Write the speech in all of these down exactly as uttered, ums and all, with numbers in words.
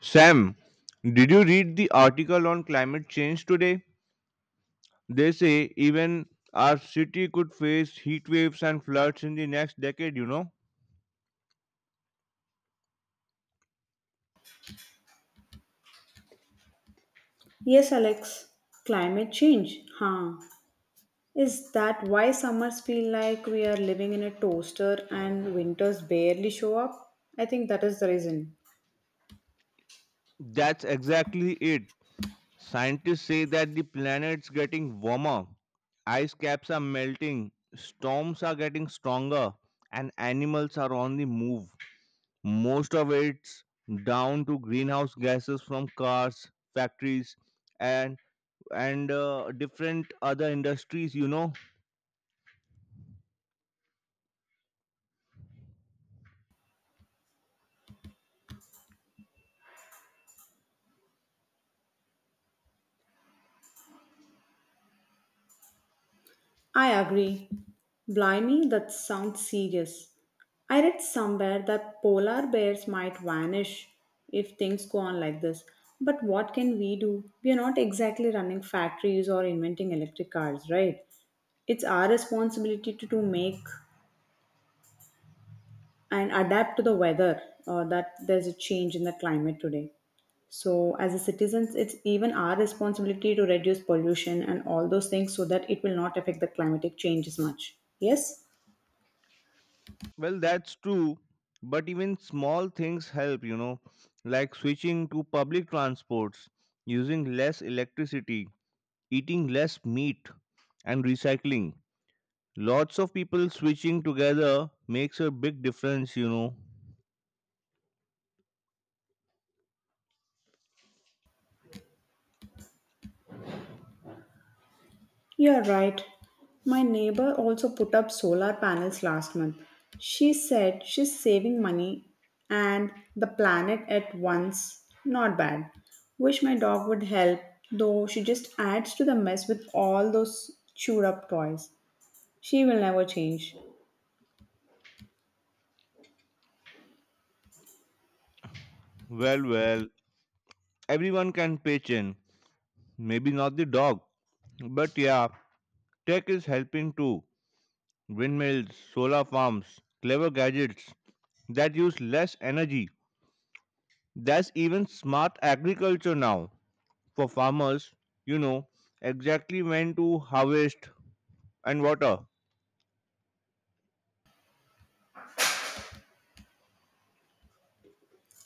Sam, did you read the article on climate change today? They say even our city could face heat waves and floods in the next decade, you know? Yes, Alex, climate change. Huh. Is that why summers feel like we are living in a toaster and winters barely show up? I think that is the reason. That's exactly it. Scientists say that the planet's getting warmer, ice caps are melting, storms are getting stronger, and animals are on the move. Most of it's down to greenhouse gases from cars, factories, and and uh, different other industries you know I agree. Blimey, that sounds serious. I read somewhere that polar bears might vanish if things go on like this. But what can we do? We are not exactly running factories or inventing electric cars, right? It's our responsibility to, to make and adapt to the weather, uh, that there's a change in the climate today. So, as a citizens, it's even our responsibility to reduce pollution and all those things so that it will not affect the climatic change as much. Yes, Well, that's true, but even small things help, you know, like switching to public transports, using less electricity, eating less meat, and recycling. Lots of people switching together makes a big difference, you know. you're right. My neighbor also put up solar panels last month. She said she's saving money and the planet at once. Not bad. Wish my dog would help, though she just adds to the mess with all those chewed up toys. She will never change. Well, well, everyone can pitch in. Maybe not the dog, but yeah, tech is helping too. Windmills, solar farms, clever gadgets that use less energy. There's even smart agriculture now for farmers, you know, exactly when to harvest and water.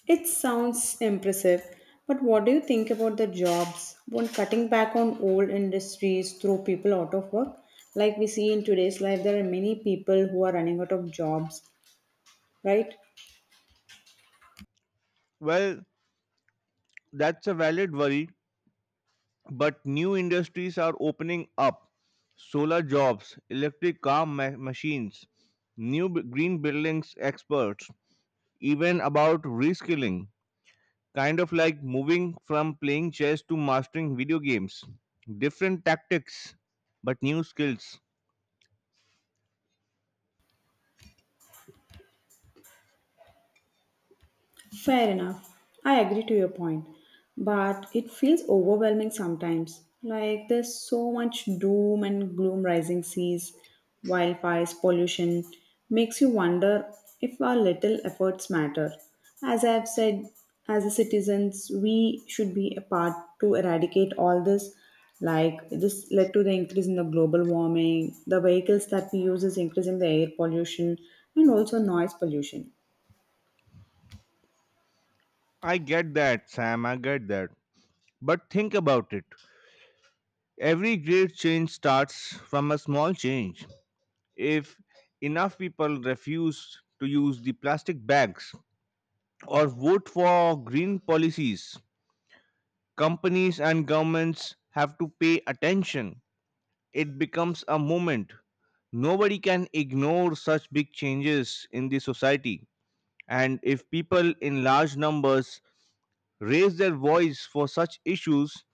It sounds impressive, but what do you think about the jobs when cutting back on old industries throw people out of work? Like we see in today's life, there are many people who are running out of jobs, right? Well, that's a valid worry, but new industries are opening up: solar jobs, electric car ma- machines, new b- green buildings experts, even about reskilling, kind of like moving from playing chess to mastering video games. Different tactics, but new skills. Fair enough. I agree to your point. But it feels overwhelming sometimes. Like there's so much doom and gloom, rising seas, wildfires, pollution. Makes you wonder if our little efforts matter. As I've said, as a citizens, we should be a part to eradicate all this. Like this led to the increase in the global warming, the vehicles that we use is increasing the air pollution and also noise pollution. I get that, Sam, I get that But think about it. Every great change starts from a small change. If enough people refuse to use the plastic bags or vote for green policies, companies and governments have to pay attention. It becomes a movement. Nobody can ignore such big changes in the society. And if people in large numbers raise their voice for such issues,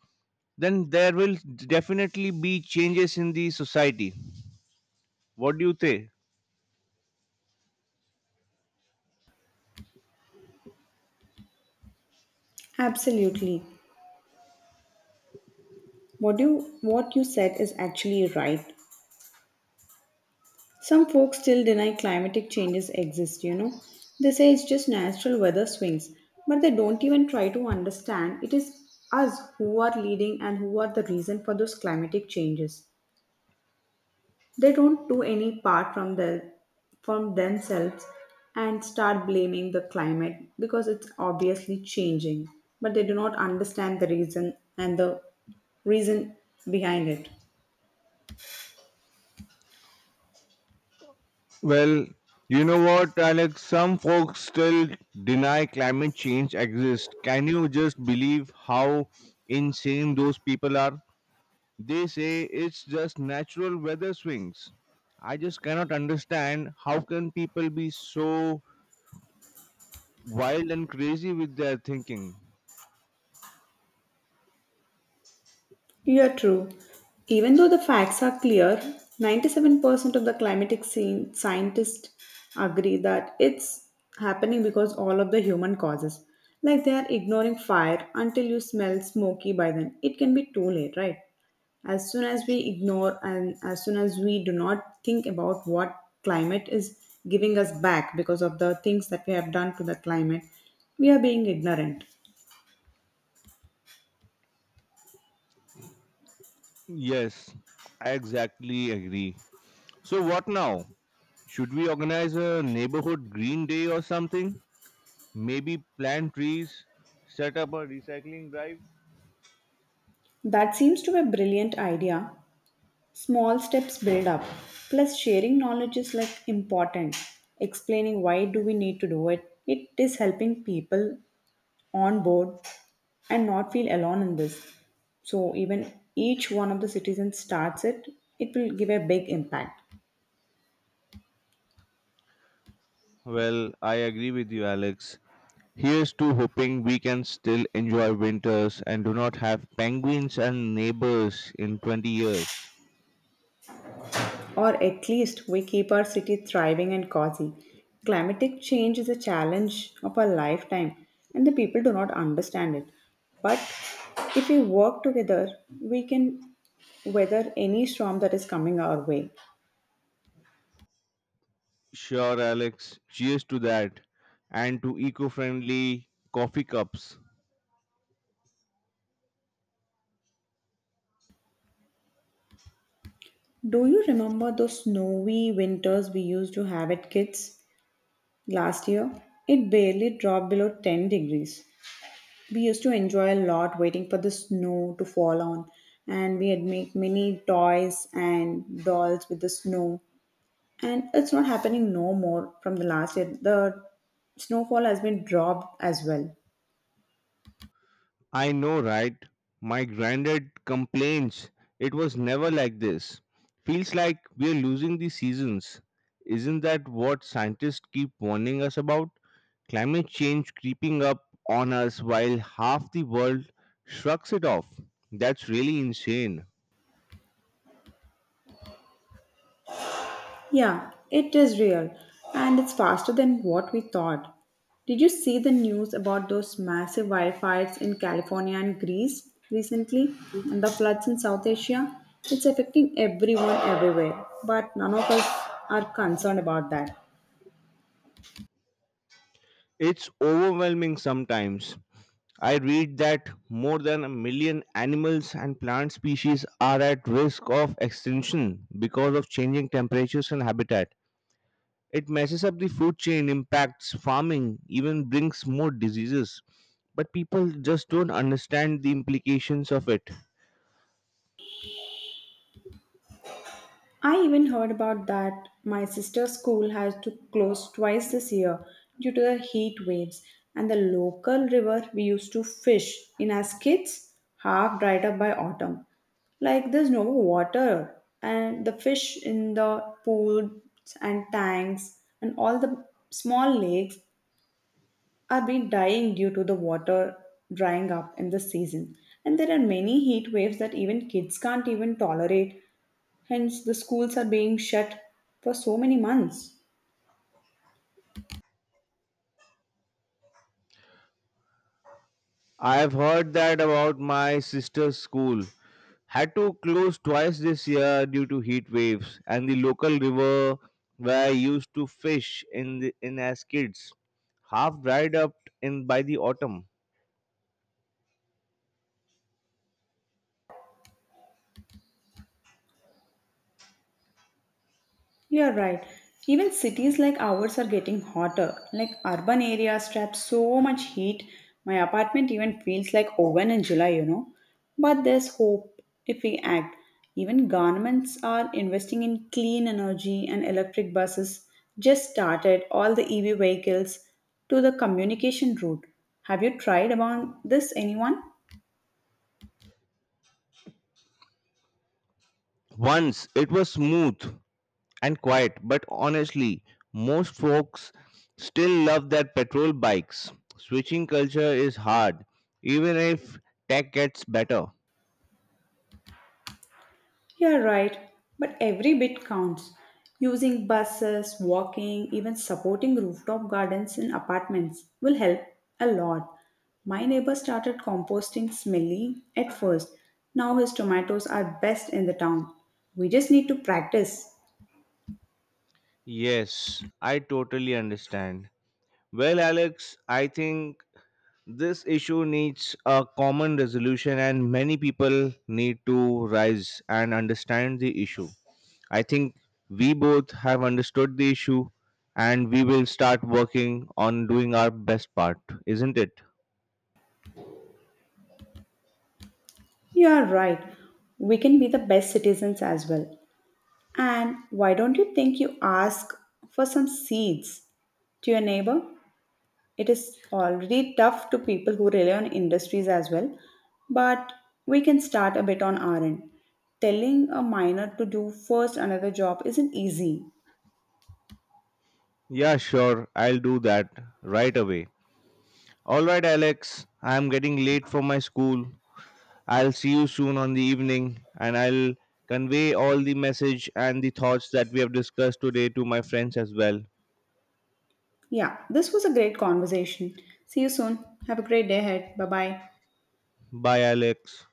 then there will definitely be changes in the society. What do you think? Absolutely. What you what you said is actually right. Some folks still deny climatic changes exist, you know. They say it's just natural weather swings, but they don't even try to understand it is us who are leading and who are the reason for those climatic changes. They don't do any part from the from themselves and start blaming the climate because it's obviously changing, but they do not understand the reason and the reason behind it. Well, you know what, Alex? Some folks still deny climate change exists. Can you just believe how insane those people are? They say it's just natural weather swings. I just cannot understand how can people be so wild and crazy with their thinking. Yeah, true. Even though the facts are clear, ninety-seven percent of the climatic scene, scientists agree that it's happening because all of the human causes. Like they are ignoring fire until you smell smoky by then. It can be too late, right? As soon as we ignore and as soon as we do not think about what climate is giving us back because of the things that we have done to the climate, we are being ignorant. Yes, I exactly agree. So what now? Should we organize a neighborhood green day or something? Maybe plant trees, set up a recycling drive? That seems to be a brilliant idea. Small steps build up. Plus, sharing knowledge is like important. Explaining why do we need to do it. It is helping people on board and not feel alone in this. So even each one of the citizens starts it, it will give a big impact. Well, I agree with you, Alex. Here's to hoping we can still enjoy winters and do not have penguins and neighbors in twenty years. Or at least we keep our city thriving and cozy. Climatic change is a challenge of our lifetime, and the people do not understand it. But if we work together, we can weather any storm that is coming our way. Sure, Alex. Cheers to that. And to eco friendly coffee cups. Do you remember those snowy winters we used to have at kids last year? It barely dropped below ten degrees. We used to enjoy a lot waiting for the snow to fall on, and we had make many toys and dolls with the snow. And it's not happening no more from the last year. The snowfall has been dropped as well. I know, right? My granddad complains it was never like this. Feels like we're losing the seasons. Isn't that what scientists keep warning us about? Climate change creeping up on us while half the world shrugs it off. That's really insane. Yeah, it is real and it's faster than what we thought. Did you see the news about those massive wildfires in California and Greece recently and the floods in South Asia? It's affecting everyone everywhere, but none of us are concerned about that. It's overwhelming sometimes. I read that more than a million animals and plant species are at risk of extinction because of changing temperatures and habitat. It messes up the food chain, impacts farming, even brings more diseases. But people just don't understand the implications of it. I even heard about that my sister's school has to close twice this year due to the heat waves, and the local river we used to fish in as kids half dried up by autumn. Like there's no water and the fish in the pools and tanks and all the small lakes are been dying due to the water drying up in the season. And there are many heat waves that even kids can't even tolerate. Hence, the schools are being shut for so many months. I have heard that about my sister's school. Had to close twice this year due to heat waves, and the local river where I used to fish in, the, in as kids half dried up in by the autumn. You are right. Even cities like ours are getting hotter. Like urban areas trap so much heat. My apartment even feels like oven in July, you know. But there's hope if we act. Even governments are investing in clean energy and electric buses, just started all the E V vehicles to the communication route. Have you tried about this anyone? Once it was smooth and quiet, but honestly, most folks still love their petrol bikes. Switching culture is hard, even if tech gets better. You're right, but every bit counts. Using buses, walking, even supporting rooftop gardens in apartments will help a lot. My neighbor started composting, smelly at first. Now his tomatoes are best in the town. We just need to practice. Yes, I totally understand. Well, Alex, I think this issue needs a common resolution, and many people need to rise and understand the issue. I think we both have understood the issue and we will start working on doing our best part, isn't it? You're right. We can be the best citizens as well. And why don't you think you ask for some seeds to your neighbor? It is already tough to people who rely on industries as well, but we can start a bit on our end. Telling a minor to do first another job isn't easy. Yeah, sure. I'll do that right away. All right, Alex. I'm getting late for my school. I'll see you soon on the evening and I'll convey all the message and the thoughts that we have discussed today to my friends as well. Yeah, this was a great conversation. See you soon. Have a great day ahead. Bye bye. Bye, Alex.